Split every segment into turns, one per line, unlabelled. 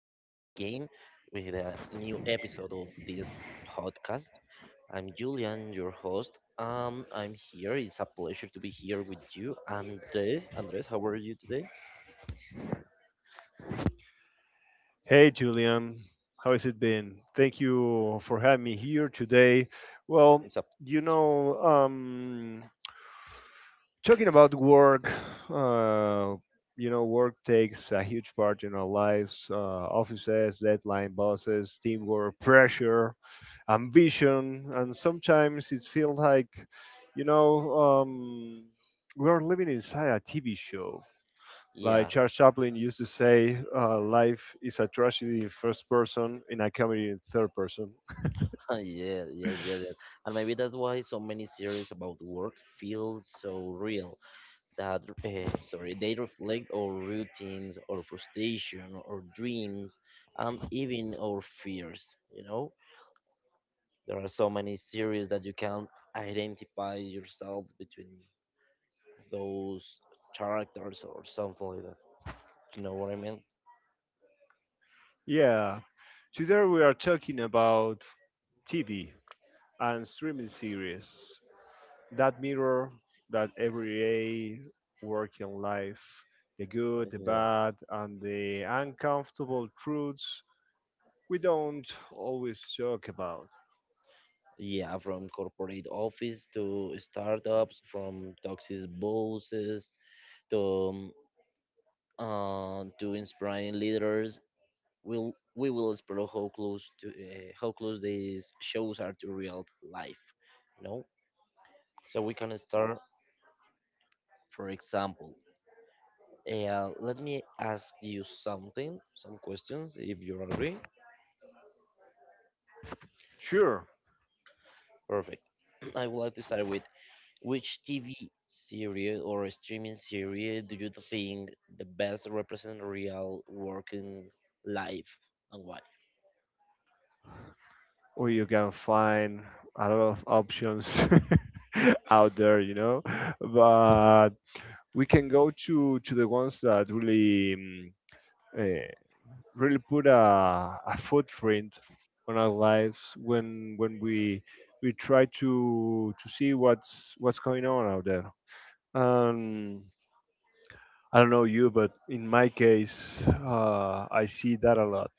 again with a new episode of this podcast. I'm Julian, your host. I'm here. It's a pleasure to be here with you, Andres. Andres, how are you today?
Hey Julian, how has it been? Thank you for having me here today. Well,
It's a
you know, um, talking about work, uh, work takes a huge part in our lives. Offices, deadline, bosses, teamwork, pressure, ambition, and sometimes it feels like, you know, um, we are living inside a TV show. Like
yeah,
Charles Chaplin used to say, life is a tragedy in first person and a comedy in third person.
yeah, yes, yes, yes. And maybe that's why so many series about work feel so real. That they reflect our routines, our frustration, our dreams, and even our fears. You know. There are so many series that you can identify yourself between those characters or something like that. You know what I mean?
Yeah. Today we are talking about TV and streaming series that mirror that everyday working life, the good, the
Yeah.
bad, and the uncomfortable truths we don't always talk about.
Yeah, from corporate office to startups, from toxic bosses to to inspiring leaders. We will explore how close these shows are to real life. You know, so we can start, for example, let me ask you something, some questions, if you agree.
Sure,
Perfect. I would like to start with which TV series or streaming series do you think the best represent real working life and why?
or you can find a lot of options out there, you know. But we can go to the ones that really eh, really put a footprint on our lives when we try to see what's going on out there. Um, I don't know you, but in my case, I see that a lot.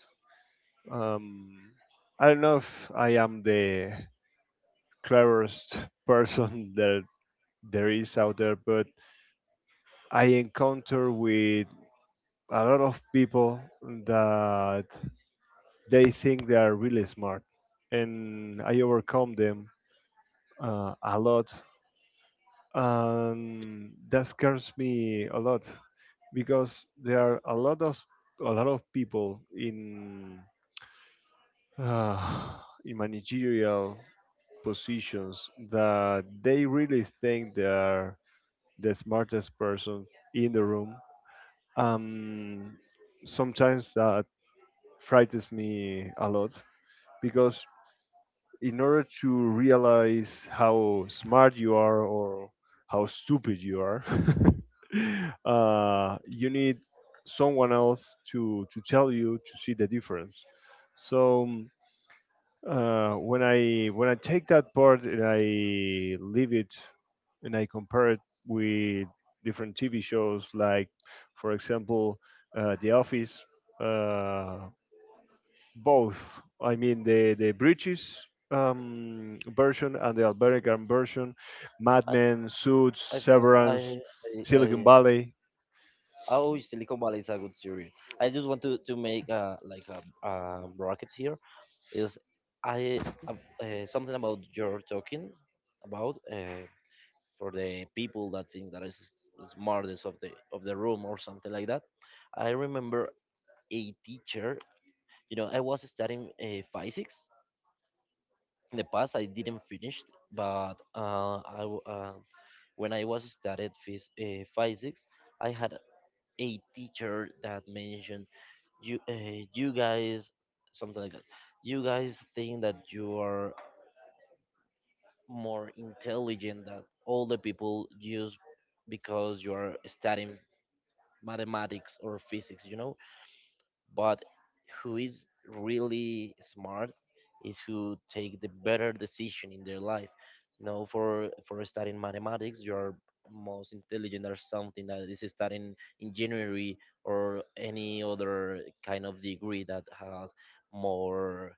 Um, I don't know if I am the cleverest person that there is out there, but I encounter with a lot of people that they think they are really smart, and I overcome them a lot, and that scares me a lot because there are a lot of people uh, in managerial positions that they really think they are the smartest person in the room. Um, Sometimes that frightens me a lot because in order to realize how smart you are or how stupid you are, you need someone else to tell you to see the difference. So when I take that part and I leave it and I compare it with different TV shows, like for example, The Office. Uh, Both, I mean the British version and the American version, Mad
I,
Men, Suits,
I think
Severance,
I,
Silicon
I
Valley.
I always Silicon Valley is a good series. I just want to make like a bracket here is I uh, something about your talking about for the people that think that is smartest of the room or something like that. I remember a teacher. You know, I was studying physics in the past. I didn't finish, but when I was studied physics, I had a teacher that mentioned you guys something like that you guys think that you are more intelligent than all the people just because you are studying mathematics or physics, you know. But who is really smart is who take the better decision in their life. You know, for studying mathematics, you are most intelligent or something that is studying engineering or any other kind of degree that has more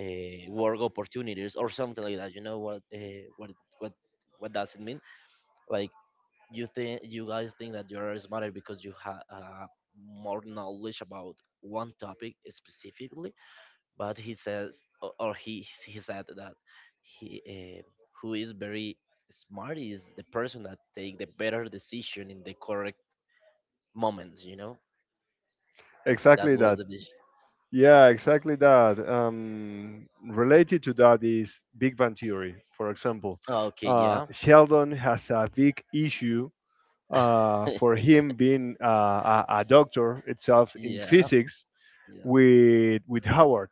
work opportunities or something like that. You know what what does it mean? Like you think you guys think that you're smarter because you have more knowledge about one topic specifically but he says or he said that he who is very smart is the person that take the better decision in the correct moments, you know? That
Exactly.
was the dis-
Yeah, exactly that. Related to that is Big Bang Theory, for example.
Oh, okay, yeah.
Sheldon has a big issue for him being a doctor itself in
Yeah,
physics
yeah,
with Howard.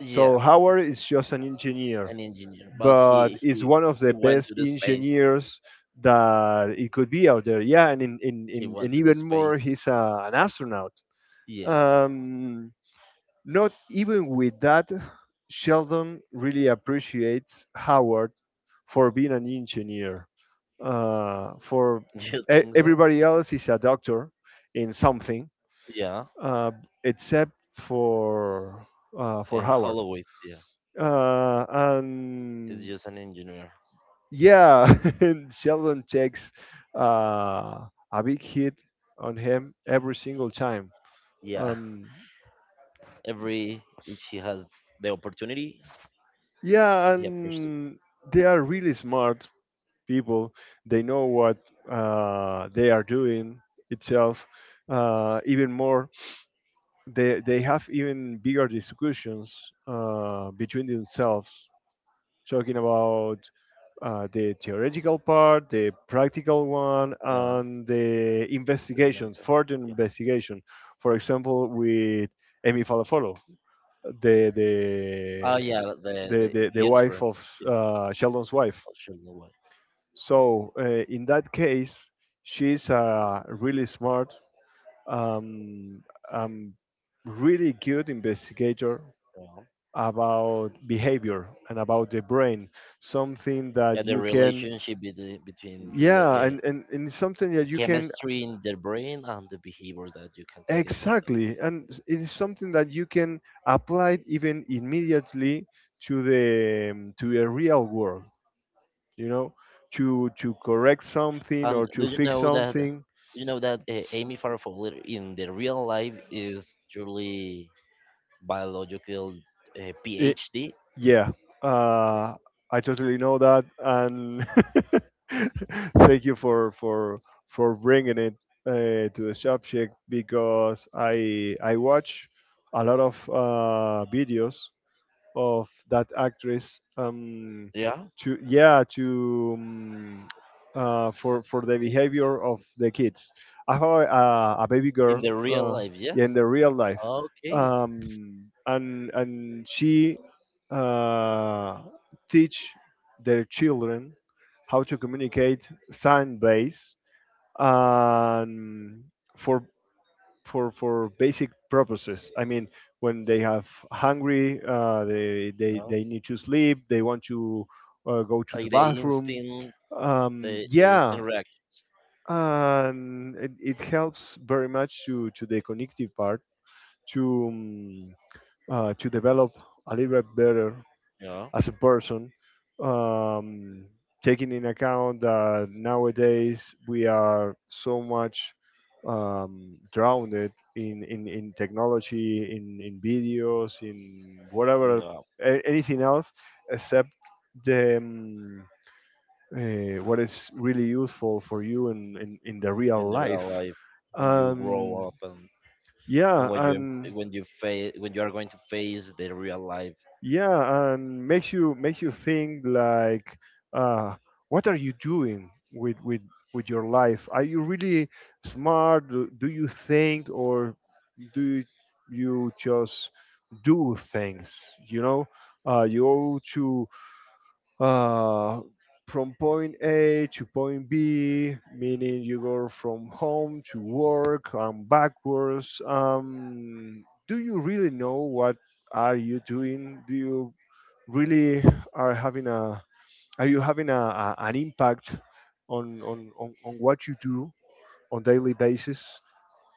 yeah,
So Howard is just an engineer,
an engineer, but
but is one of
he
the
went to
best
the space.
engineers that it could be out there. Yeah, and
He went to the
even
space,
more, he's an astronaut.
yeah.
Um, Not even with that, Sheldon really appreciates Howard for being an engineer. Uh, for
You think so?
Everybody else is a doctor in something,
Yeah,
uh, except for for Howard.
Holloway. Yeah,
Uh,
is
and
just an engineer.
yeah, and Sheldon takes uh, a big hit on him every single time.
Yeah,
Um,
every each he has the opportunity,
yeah,
he approaches it.
and they are really smart people. They know what they are doing itself. Even more, they have even bigger discussions between themselves, talking about the theoretical part, the practical one,
Yeah,
and the investigations
experimental.
further
Yeah.
investigation, for example, with Amy Falafolo, the the
Oh yeah, the
the wife
Ginsberg.
of
Yeah,
Sheldon's wife.
I'll show you what.
So in that case, she's a really smart, um, um, really good investigator
Yeah.
about behavior and about the brain. Something
Yeah,
that
the
you can,
relationship between
yeah, and, it's something that
the
you can
chemistry in the brain and the behavior that you can take about
exactly, and it is something that you can apply even immediately to the real world. You know, to correct
that.
something or
And do
to
you
fix
know that?
something.
You know that Amy Farfoller in the real life is truly biological
It,
PhD.
yeah, uh, I totally know that, and thank you for bringing it to the subject because I watch a lot of videos of that actress
Yeah,
to yeah to for the behavior of the kids. I have a baby
in
girl
the real
uh,
life, yes.
in the real life,
Okay.
and she uh, teach their children how to communicate sign base and for for basic purposes. I mean, when they have hungry,
No.
they need to sleep. They want to go to the
Like the
bathroom.
instant, the
Yeah,
instant reaction.
and it helps very much to the cognitive part to um, to develop a little bit better
You know.
as a person, um, taking in account that nowadays we are so much drowned in technology, in videos, in whatever,
No.
anything else except the what is really useful for you in the
In
real
the
life.
real life, when you
Um,
grow up, and
yeah, and
when you face, when you are going to face the real life.
yeah and makes you think like uh, what are you doing with your life? Are you really smart, do you think? Or do you just do things, you know, you owe to uh, from point A to point B, meaning you go from home to work and backwards. Do you really know what are you doing? Do you really are having a Are you having a an impact on what you do on daily basis?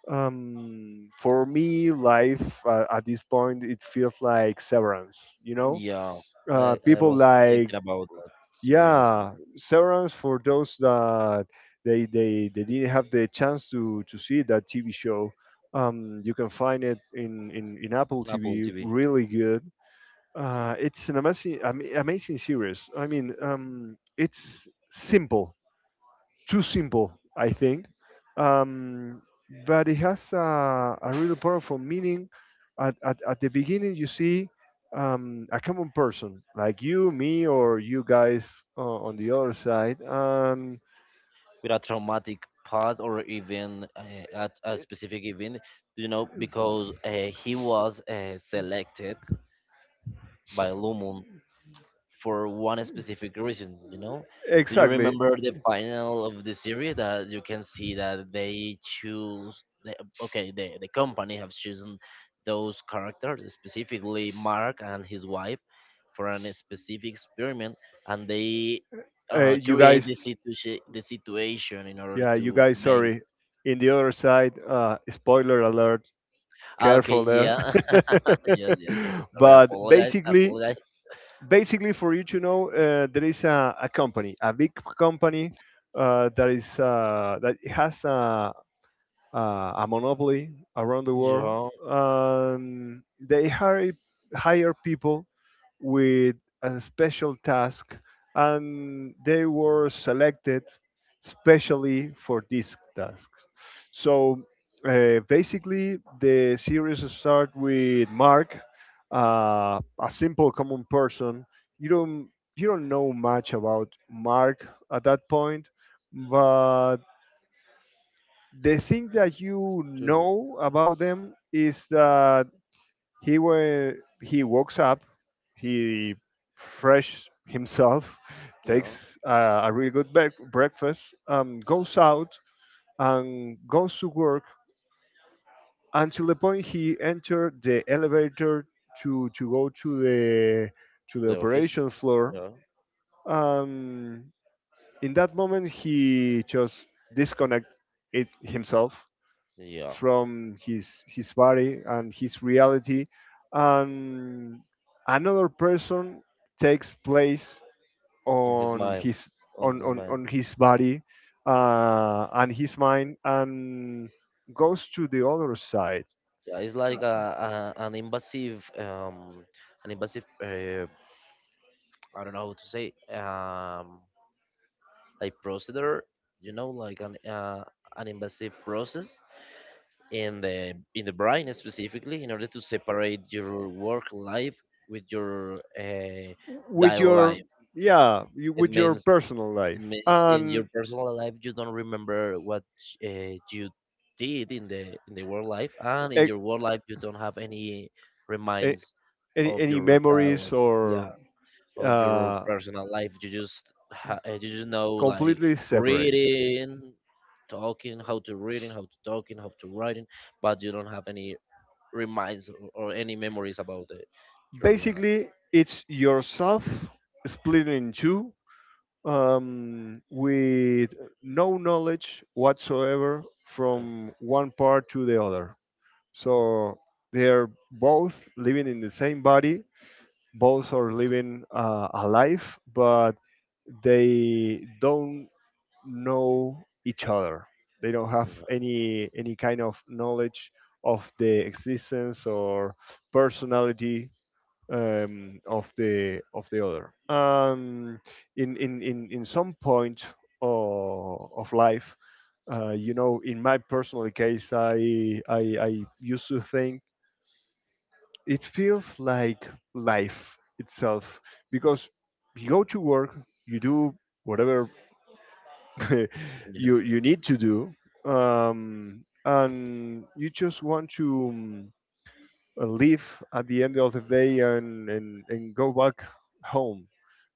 For me, life at this point it feels like Severance. You know,
Yeah. I
people
was
like
thinking about that series,
yeah, Severance for those that they didn't have the chance to see that TV show. You can find it in Apple
on Apple
TV.
TV,
Really good. It's an amazing amazing series. I mean, it's simple, too simple, I think. Um, but it has a really powerful meaning. At the beginning, you see a common person like you, me, or you guys on the other side.
with a traumatic past or even at a specific event. You know, because he was selected by Lumun for one specific reason, you know? Do you
Exactly.
remember the final of the series that you can see that they choose okay, the company have chosen those characters, specifically Mark and his wife, for a specific experiment, and they
You
create
guys,
the situation in order
yeah, you
to
guys,
make
sorry. In the other side, spoiler alert,
ah, okay,
careful there.
yeah. Yes, yes, yes, sorry,
But
apologize,
basically,
apologize.
for you to know, there is a company, a big company that has a monopoly around the world.
Yeah,
They hire people with a special task, and they were selected specially for this task. So basically, the series start with Mark, a simple common person. You don't know much about Mark at that point, but the thing that you
to
know about them is that he wa he wakes up, he fresh himself,
yeah to
takes a really good breakfast, goes out and goes to work until the point he entered the elevator to go to the
the office,
operation floor.
yeah,
Um, in that moment, he just disconnect it himself
yeah,
from his body and his reality, and another person takes place
in his
on
mind,
his
on his mind.
on his body and his mind, and goes to the other side
Yeah, it's
uh,
like a, an invasive, an invasive I don't know how to say, a procedure, you know, like an invasive process in the brain, specifically in order to separate your work life with your
with
daily
your
life.
yeah, you,
It
with your
means,
personal
it
life
means in your
and
personal life you don't remember what you did in the work life, and in
eh,
your work life you don't have any
eh,
reminds of
any
your
memories
dialogue,
or
yeah, of your
uh,
personal life. You just you just know like
completely separate.
reading, talking, how to reading, how to talking, how to writing, but you don't have any reminds or any memories about it. Your real life.
Basically, it's yourself split in two with no knowledge whatsoever
Uh,
from one part to the other. So they're both living in the same body, both are living a life, but they don't know each other. They don't have
no.
any kind of knowledge of the existence or personality of the other. In some point of life, you know, in my personal case, I used to think it feels like life itself because you go to work, you do whatever
Yeah.
you need to do, and you just want to leave at the end of the day, and, and go back home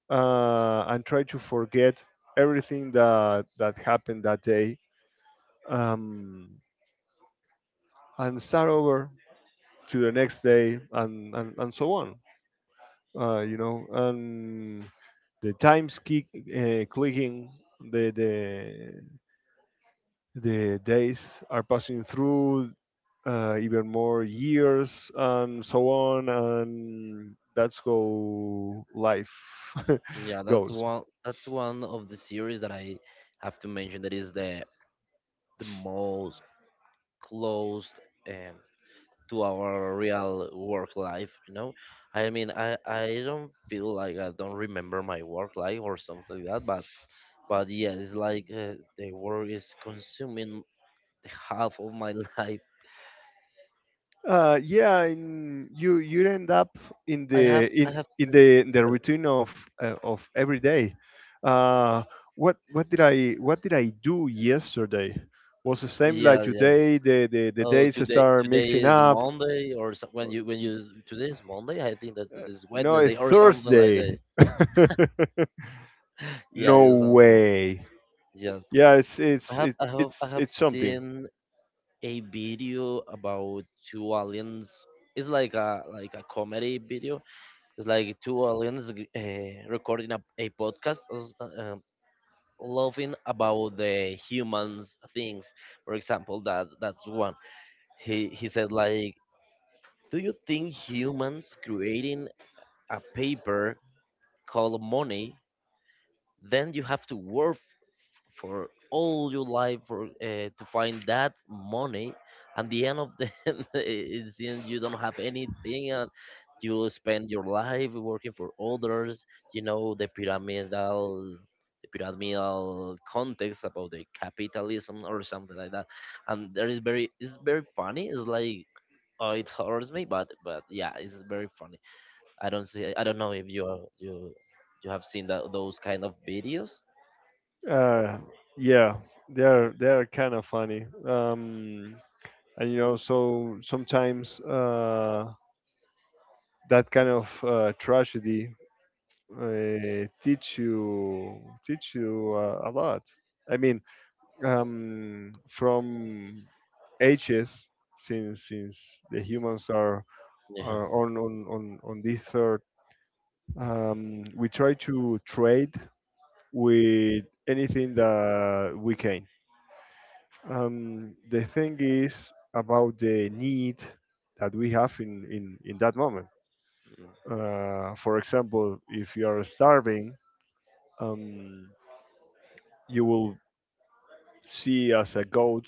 and try to forget everything that happened that day, um, and start over to the next day, and and so on, you know, and the times keep clicking. The the The days are passing through, even more years, and so on, and that's how life goes.
That's one of the series that I have to mention that is the most closed um, to our real work life, you know? I mean, I don't feel like I don't remember my work life or something like that, but yeah, it's like the work is consuming half of my life.
Yeah, and you end up in the in
I have
in the routine of every day. Uh, what did I do yesterday? Was the same like
yeah, yeah,
today. The
Oh,
days
today
start mixing
is
up.
Monday, or so,
Uh,
when you today is Monday. I think that it is
no, it's
Wednesday or something like that.
Thursday.
Yeah,
No
it's something.
way.
Yes,
Yeah,
I
it's
have
something.
seen a video about two aliens. It's like a comedy video. It's like two aliens recording a podcast, laughing about the humans things. For example, that that's one. He said like, do you think humans creating a paper called money, then you have to work for all your life for to find that money. And the end of the end, it seems you don't have anything, and you spend your life working for others. You know the pyramidal context about the capitalism or something like that. And there is very, it's very funny. It's like, oh, it hurts me, but yeah, it's very funny. I don't see. I don't know if you are, you have seen that those kind of videos.
Uh, yeah, they're kind of funny. And you know, so sometimes that kind of tragedy teach you a lot. I mean, from ages since the humans
Yeah.
are on this earth, we try to trade with anything that we can. The thing is about the need that we have in that moment.
Mm.
For example, if you are starving, um, you will see as a goat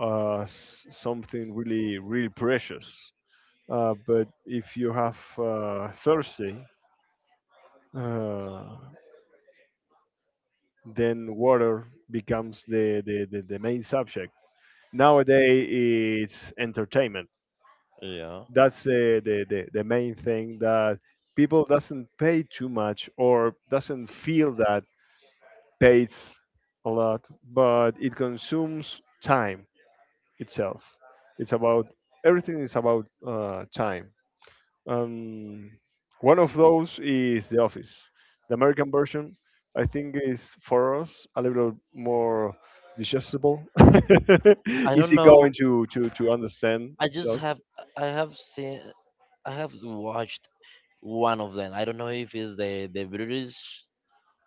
something really, really precious. But if you have thirsty, uh, then water becomes the main subject. Nowadays, it's entertainment
Yeah.
that's the main thing that people doesn't pay too much or doesn't feel that pays a lot, but it consumes time itself. It's about everything is about time. um, One of those is The Office. The American version, I think, is for us a little more digestible.
I don't
Easy going
know.
to understand
I just
itself.
have I have seen, I have watched one of them. I don't know if it's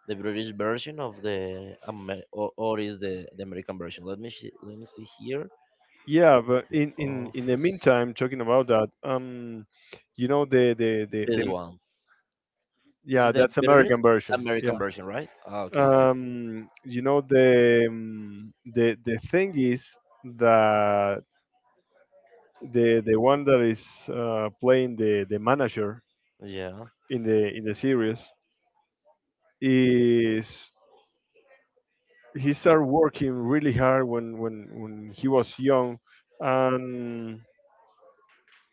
the British version of the Amer- or is the American version. Let me see here.
Yeah, but
The
in the
Office.
meantime, talking about that, you know the the the,
This
the
one. This is
yeah,
the
that's
British
American version.
American version, right? Ah, okay, got
Yeah.
it.
You know the the thing is that the one that is playing the manager
Yeah.
in the series is, he started working really hard when when he was young, and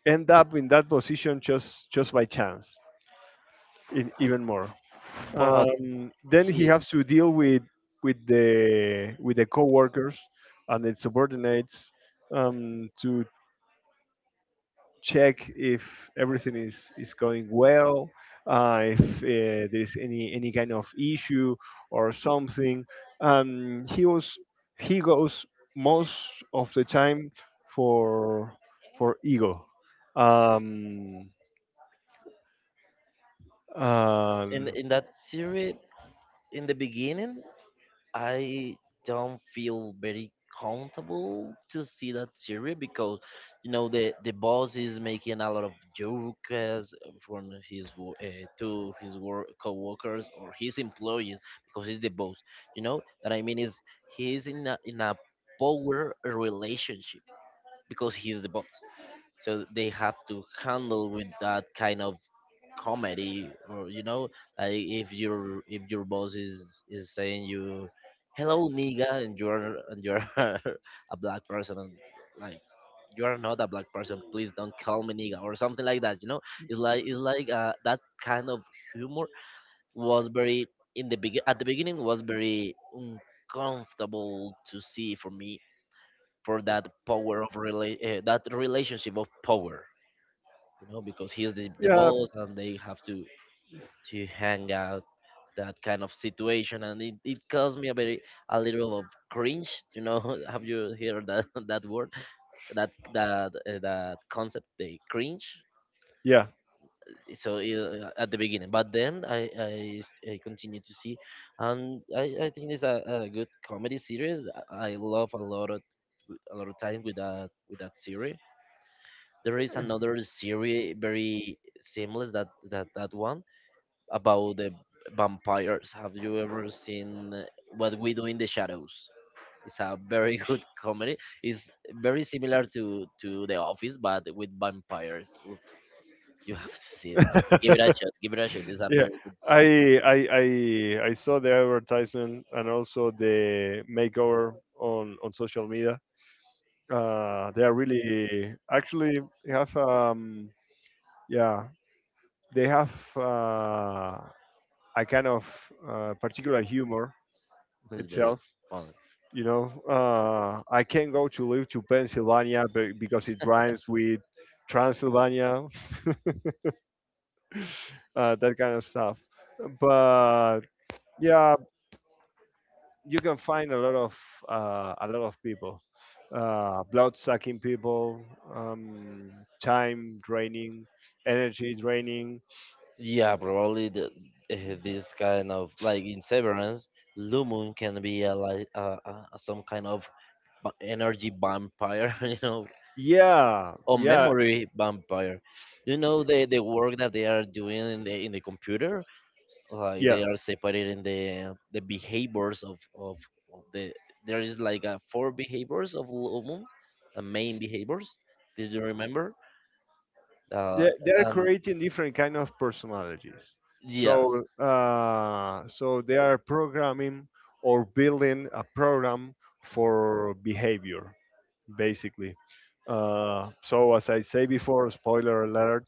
end up in that position just by chance. In, even more,
But
then he
he
has to deal with with the coworkers and the subordinates, to check if everything is going well, if there's any kind of issue or something. He was, he goes most of the time for for ego. Um, um,
in that series in the beginning I don't feel very comfortable to see that series because you know the boss is making a lot of jokes from his to his work co-workers or his employees because he's the boss, you know, that I mean is he's in in a power relationship because he's the boss, so they have to handle with that kind of comedy, or you know, like, if your boss is saying you, hello nigga, and you're a black person, and like, you are not a black person, please don't call me nigga or something like that, you know. It's like it's like that kind of humor was very in the begin at the beginning was very uncomfortable to see for me for that power of that relationship of power, you know, because he is the
yeah,
boss, and they have to hang out that kind of situation, and it caused me a very a little of cringe, you know. Have you heard that that word, that that concept, the cringe?
yeah.
So at the beginning, but then I continue to see, and I think it's a good comedy series, I love a lot of time with that series. There is another series very seamless that that one about the vampires. Have you ever seen What We Do in the Shadows? It's a very good comedy. It's very similar to The Office, but with vampires. Oof, you have to see it. Give it a shot. Give it a shot. It's a
Yeah,
very good.
I I saw the advertisement and also the makeover on social media. They are really, actually, they have yeah, they have uh a kind of particular humor
It's very
itself.
fun.
You know, I can go to live to Pennsylvania be- because it rhymes with Transylvania, that kind of stuff. But yeah, you can find a lot of people, blood sucking people, um, time draining, energy draining.
Yeah, probably this kind of like in Severance, Lumen can be like some kind of energy vampire, you know,
Yeah,
on
yeah,
memory vampire. Do you know the work that they are doing in the computer? Like
yeah,
they are separating the behaviors of the there is like a four behaviors of Lumum, the main behaviors. Did you remember? Uh,
they're
and
creating different kind of personalities.
yes,
So so they are programming or building a program for behavior, basically. So as I say before, spoiler alert.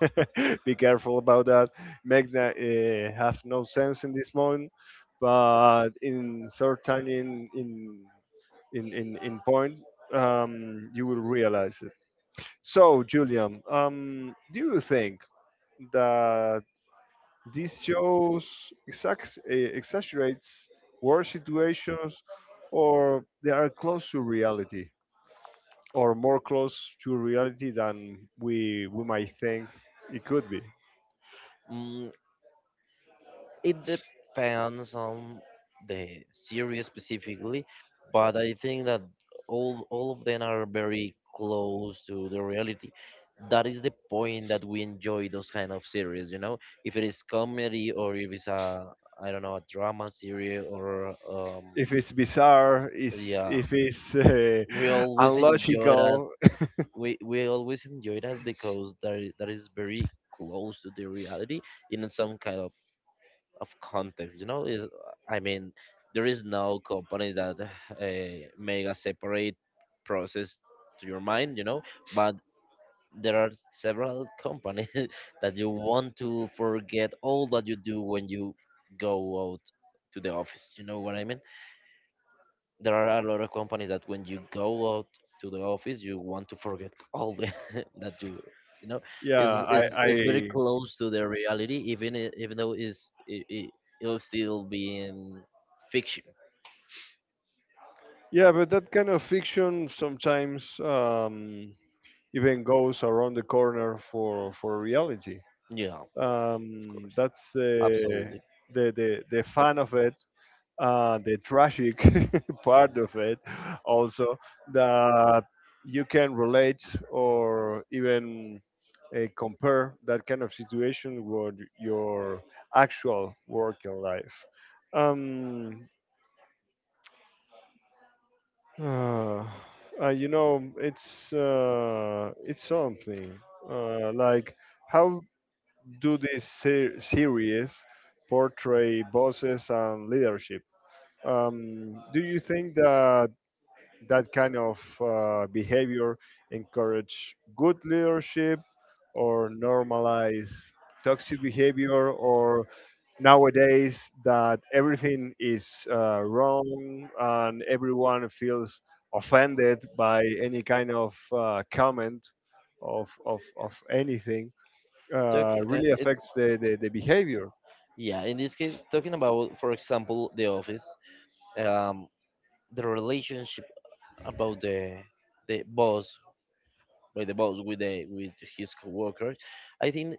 Be careful about that. Magna have no sense in this moment, but in certain in point, you will realize. So, Julian, do you think that these shows exax- exaggerates war situations, or they are close to reality, or more close to reality than we might think it could be?
mm, it depends on the series specifically, but I think that all of them are very close to the reality. That is the point that we enjoy those kind of series, you know. If it is comedy or if it's a I don't know a drama series or
If it's bizarre, is
yeah,
if it's
we always enjoy that.
unlogical,
We always enjoy that because that is very close to the reality in some kind of context, you know, is I mean there is no company that make a separate process to your mind, you know. But there are several companies that you want to forget all that you do when you go out to the office, you know what I mean. There are a lot of companies that when you go out to the office, you want to forget all the that you know
yeah,
Is
I,
is very
I
close to the reality even even though is it, it'll still be in fiction.
yeah, but that kind of fiction sometimes. Even goes around the corner for reality.
Yeah, of course,
That's
absolutely.
the fun of it, the tragic
Mm.
part of it, also, that you can relate or even compare that kind of situation with your actual working life. Um, uh, you know, it's something like how do this ser- series portray bosses and leadership. Do you think that that kind of behavior encourage good leadership or normalize toxic behavior, or nowadays that everything is wrong and everyone feels offended by any kind of comment of anything,
Talk, uh,
really
it,
affects the behavior.
yeah, in this case talking about, for example, the office, um the relationship about the boss by the boss with the with his coworkers. I think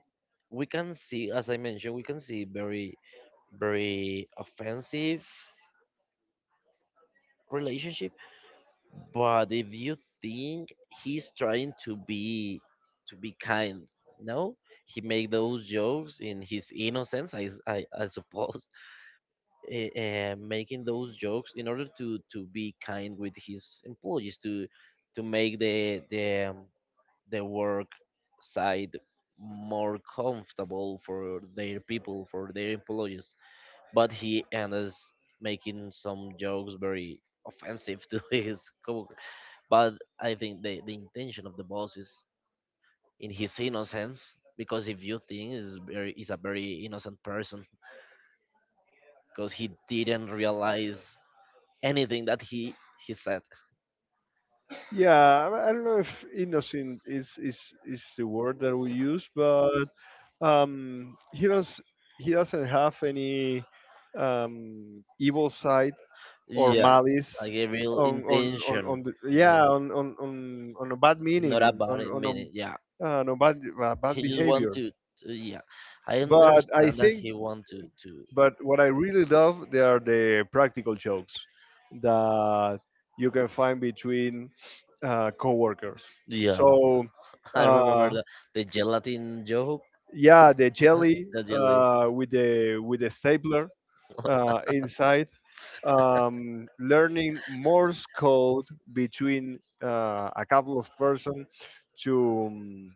we can see, as I mentioned, we can see very, very offensive relationship. But if you think, he's trying to be kind. No, he make those jokes in his innocence, I suppose, making those jokes in order to be kind with his employees, to make the work side more comfortable for their people, for their employees. But he ends making some jokes very offensive to his coworker. But I think the intention of the boss is in his innocence, because if you think, is very is a very innocent person, because he didn't realize anything that he said.
Yeah, I don't know if innocent is is the word that we use, but he does, he doesn't have any evil side or
Yeah,
malice
like a real
on
intention.
the
You know,
yeah, on a bad
it's not
meaning, on
about it.
on a,
Meaning, yeah.
no bad bad
He just want
behavior.
to, yeah. I
But I
understand that
think,
he want to
but what I really love, they are the practical jokes that you can find between coworkers.
yeah.
So,
I remember
uh,
the gelatin joke,
yeah, the jelly
the jelly.
with the stapler inside, learning Morse code between a couple of person to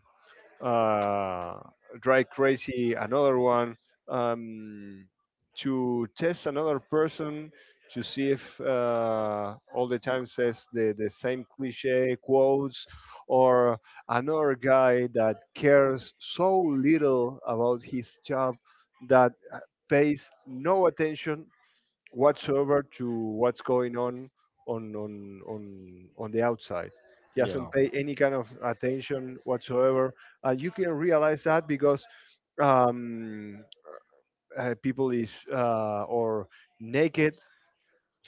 uh, Drive Crazy, another one, um, to test another person to see if all the time says the same cliche quotes, or another guy that cares so little about his job that pays no attention whatsoever to what's going on on the outside. He doesn't
Yeah,
pay any kind of attention whatsoever, and you can realize that because um, people is or naked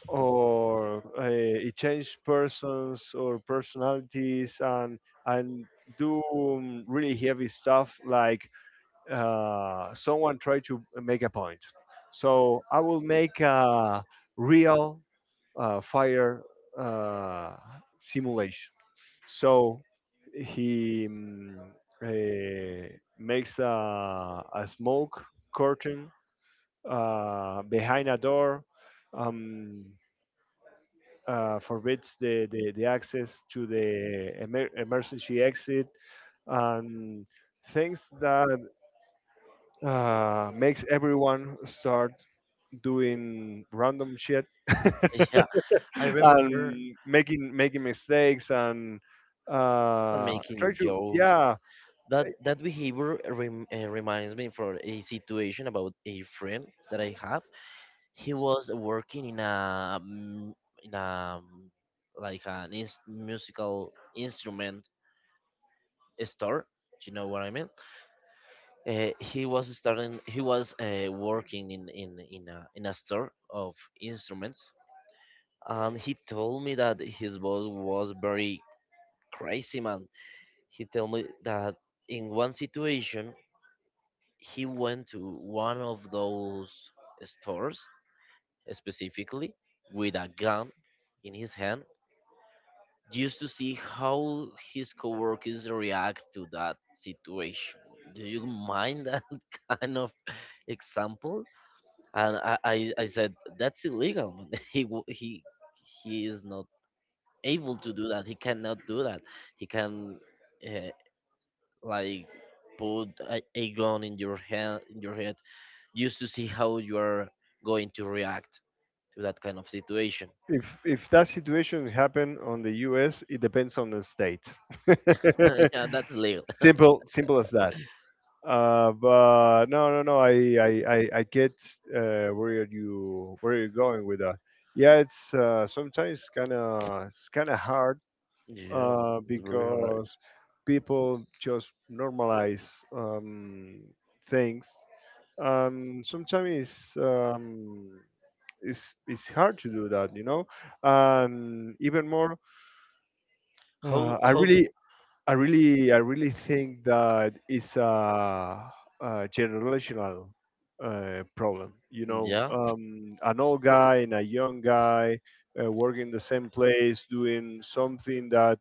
or it change persons or personalities, and and do really heavy stuff, like someone try to make a point. So I will make a real fire uh, simulation. So he eh, makes a smoke curtain behind a door, um, forbids the access to the emer- emergency exit, and things that makes everyone start doing random shit.
yeah. I remember
And making mistakes and uh, try
making
to,
jokes.
yeah.
That behavior reminds me for a situation about a friend that I have. He was working in a in a mm, like an ins musical instrument store. Do you know what I mean? He was starting. He was working in a store of instruments, and he told me that his boss was very crazy man. He told me that in one situation he went to one of those stores specifically with a gun in his hand just to see how his coworkers react to that situation. Do you mind that kind of example? And I said, that's illegal, man. He wo- he is not able to do that. He cannot do that. He can uh, like put a gun in your hand in your head just to see how you are going to react to that kind of situation.
If that situation happen on the U.S., it depends on the state.
Yeah, that's illegal.
Simple, simple as that. But no no no, I I get where you're going with that. Yeah, it's sometimes kind of, it's kind of hard
Yeah, it's very hard.
because people just normalize um, things. Sometimes it's hard to do that, you know. And even more,
How
I
how do,
really, I really think that it's a generational problem. You know,
Yeah,
an old guy and a young guy working the same place, doing something that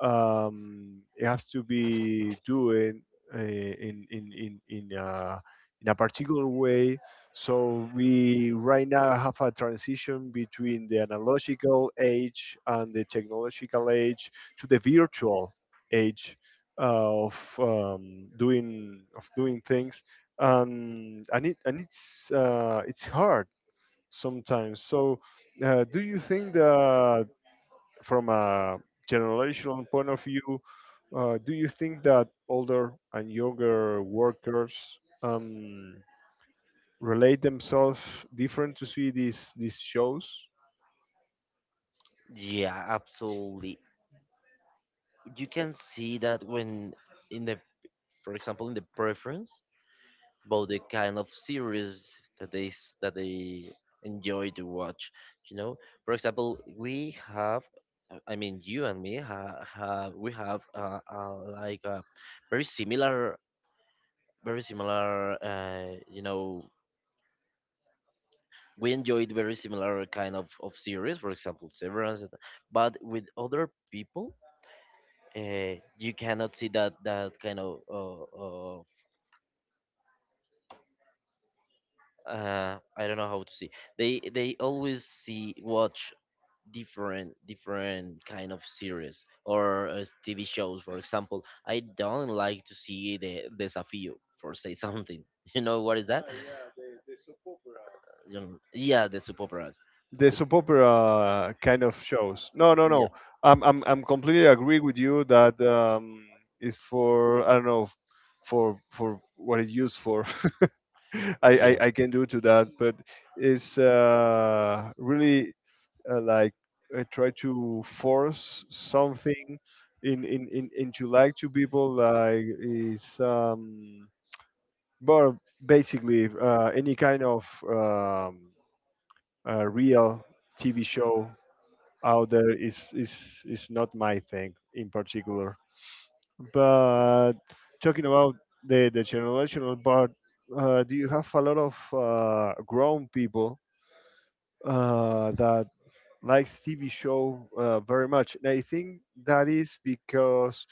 it has to be doing uh, in in in in a, in a particular way. So we right now have a transition between the analogical age and the technological age to the virtual age of doing things, and it's hard sometimes. So, do you think that from a generational point of view, do you think that older and younger workers um, relate themselves different to see these shows?
yeah, absolutely. You can see that when in the, for example, in the preference about the kind of series that that they enjoy to watch. You know, for example, we have, I mean, you and me ha, have we have like a very similar, very similar. You know, we enjoyed very similar kind of series. For example, Severance, but with other people you cannot see that kind of I don't know how to see. They always see watch different different kind of series or TV shows. For example, I don't like to see the Desafío for say something. You know what is that? You know, yeah, the soap operas.
The soap opera kind of shows. No, no,
Yeah,
no. I'm completely agree with you that it's for, I don't know, for what it's used for.
yeah,
I can do to that, but it's really like I try to force something in into, like, to people, like it's but basically any kind of real TV show out there is not my thing in particular. But talking about the generational part, do you have a lot of grown people that likes TV show very much? And I think that is because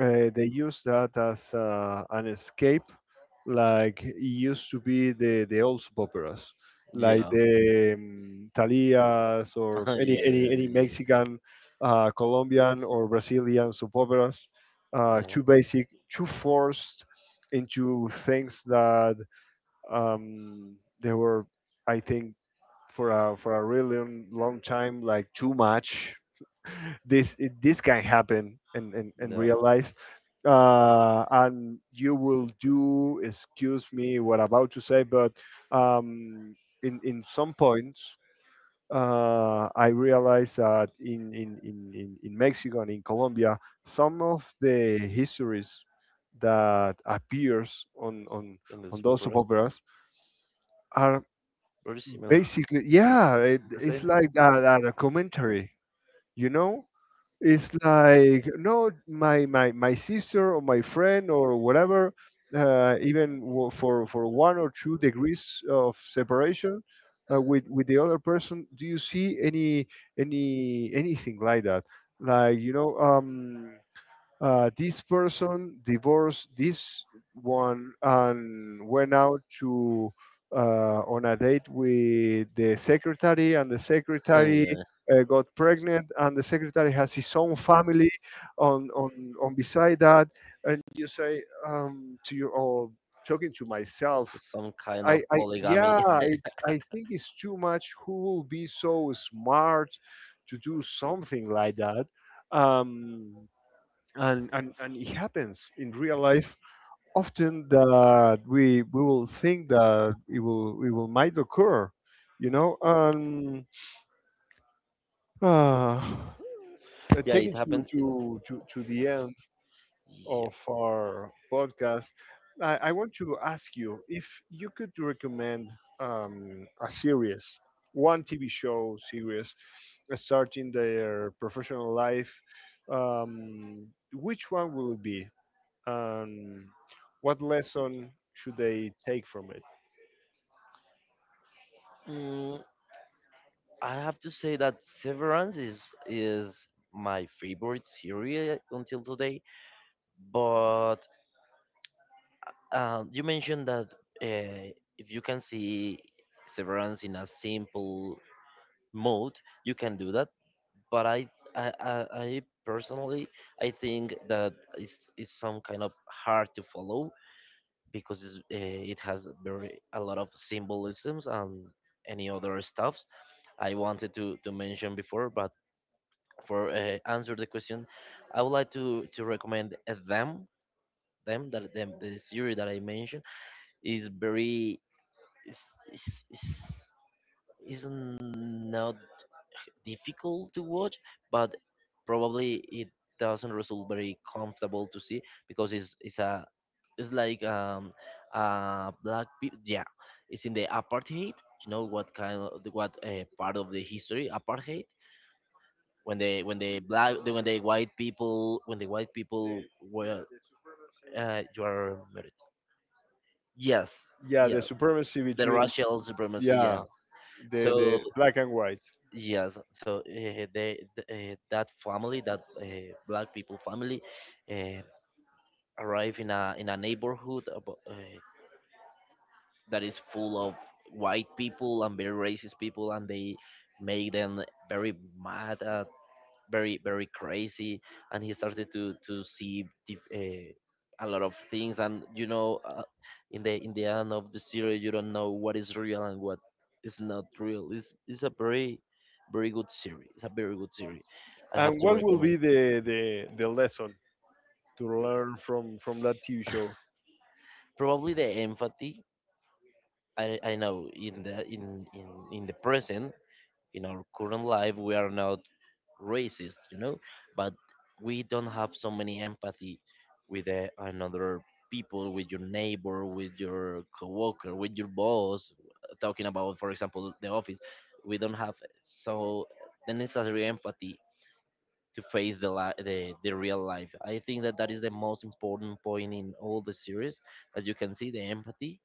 they use that as an escape, like it used to be the old soap operas, like
yeah,
the Thalias or
yeah,
any
yeah, yeah.
Mexican, Colombian or Brazilian soap operas,
Yeah. Yeah,
too basic, too forced into things that um, they were, I think, for a really long, long time, like too much. This it, this can happen in
yeah,
real life, and you will do, excuse me what I'm about to say, but um, in some points I realized that in Mexico and in Colombia, some of the histories that appears
and the
on
soap
those soap
operas,
operas are
very similar.
basically, yeah, it,
The
it's
same.
like a commentary, you know. It's like, no, my sister or my friend, or whatever even wo- for one or two degrees of separation with the other person, do you see any anything like that, like, you know, this person divorced this one and went out to on a date with the secretary, and the secretary
Yeah.
got pregnant, and the secretary has his own family. On on on beside that, and you say to you, or talking to myself,
Some kind of
I
polygamy.
yeah, it's, I think it's too much. Who will be so smart to do something like that? Um, and it happens in real life often that we will think that it will might occur, you know. And uh,
Yeah, it
taking
happened. It,
to the end
yeah.
of our podcast, I want to ask you if you could recommend a series, one TV show series, starting their professional life, um, which one will it be and what lesson should they take from it?
Mm, I have to say that Severance is my favorite series until today. But you mentioned that uh, if you can see Severance in a simple mode, you can do that. But I personally I think that it's some kind of hard to follow because it has very a lot of symbolisms and any other stuffs I wanted to mention before. But for answer the question, I would like to recommend them the series that I mentioned is very is is is is not difficult to watch, but probably it doesn't result very comfortable to see, because it's a it's like black people, yeah. It's in the apartheid, you know what kind of what, part of the history, apartheid, when the black the, when the white people when the white people were you are married. Yes,
Yeah, the
yeah,
supremacy
the
between,
racial supremacy, yeah.
yeah,
So
the black and white.
yes, so they that family, that black people family, uh, arrive in a neighborhood that is full of white people and very racist people, and they make them very mad, and very very crazy, and he started to see a lot of things, and you know in the end of the series you don't know what is real and what is not real. It's a very very good series. It's a very good series. I have
And
to
what will
recommend.
be the lesson to learn from that TV show?
Probably the empathy. I know in the in the present, in our current life we are not racist, you know, but we don't have so many empathy with another people, with your neighbor, with your coworker, with your boss. Talking about, for example, the office, we don't have so the necessary empathy to face the real life. I think that that is the most important point in all the series, that you can see the empathy.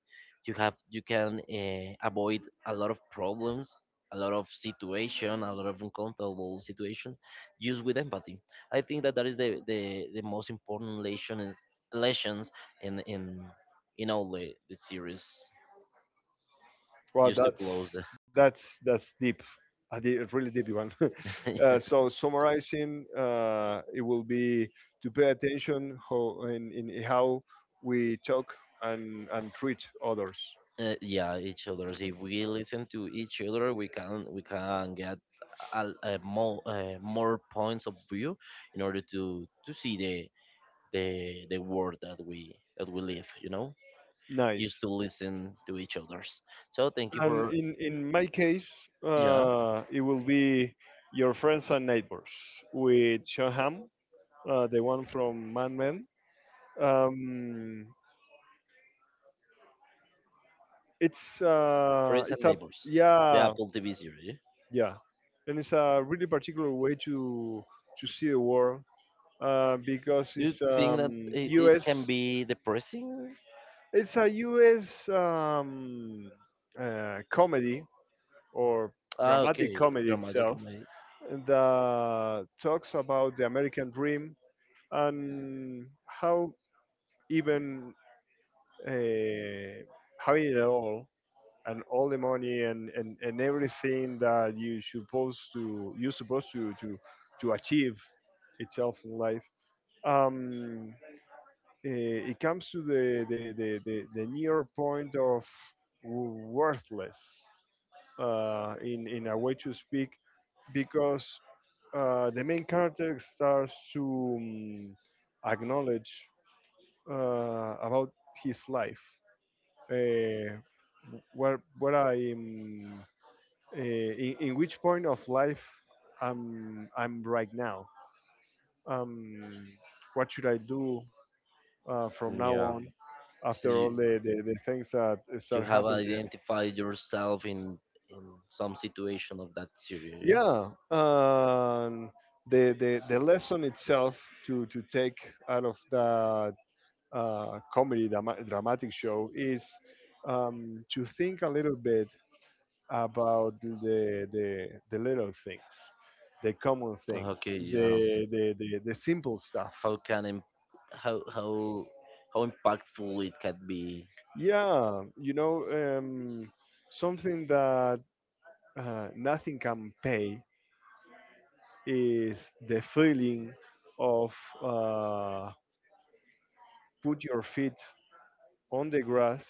You have you can avoid a lot of problems, a lot of situation, a lot of uncomfortable situation, just with empathy. I think that that is the most important lesson is, lessons in in in all the series.
Well,
Just to close
that's,
the.
that's deep, a di- a really deep one.
Yeah.
Uh, so summarizing, it will be to pay attention how in how we talk and treat others.
Uh, yeah, each others. If we listen to each other, we can get a more more points of view in order to see the world that we live, you know, just
Nice.
to listen to each others. So thank you
And
for
in my case,
yeah.
it will be your friends and neighbors, with Sean Hamm, the one from Mad Men. Um,
Friends and
it's a,
neighbors, the
yeah.
Apple TV series.
Yeah, and it's a really particular way to see the world, because
Do you
it's
think that it can
U.S.
be depressing?
It's a U.S. Comedy or
Ah, okay,
dramatic comedy
dramatic
itself
comedy.
that talks about the American dream and how even uh, having it all and all the money, and everything that you're supposed to to achieve itself in life. Um, it comes to the near point of worthless in a way to speak, because the main character starts to acknowledge about his life, uh, where where I'm, in which point of life I'm right now. Um, what should I do from now
Yeah,
on?
so
After all
you,
the things that
to
start
have
happening to him,
identified yourself in some situation of that series? Yeah,
yeah, the lesson itself to take out of that comedy drama- dramatic show is to think a little bit about the little things, the common things,
okay, yeah.
the simple stuff.
how can im- how how how impactful it can be.
Yeah, you know, something that nothing can pay is the feeling of uh, put your feet on the grass,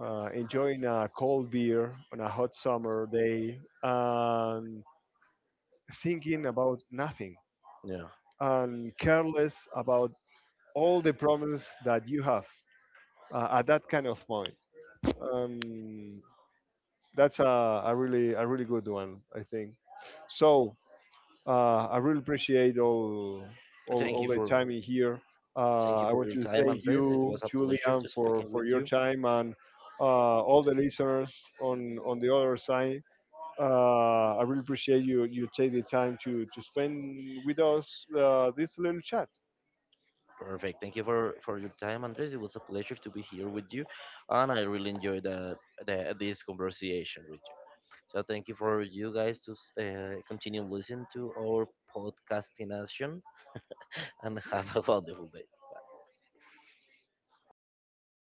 enjoying a cold beer on a hot summer day, and thinking about nothing,
Yeah.
and careless about all the problems that you have at that kind of point. Um, that's a really, a really good one, I think. So I really appreciate all
Thank
all
you
the
for
time in here.
thank you
I
for
want
your
to
time,
thank
Andres. It
you,
was a pleasure
Julian,
to speaking
for
with
your
you.
time, and uh, all the listeners on the other side. I really appreciate you take the time to spend with us this little chat.
Perfect. Thank you for your time, Andres. It was a pleasure to be here with you, and I really enjoyed the this conversation with you. So thank you for you guys to continue listening to our podcasting and have a wonderful day.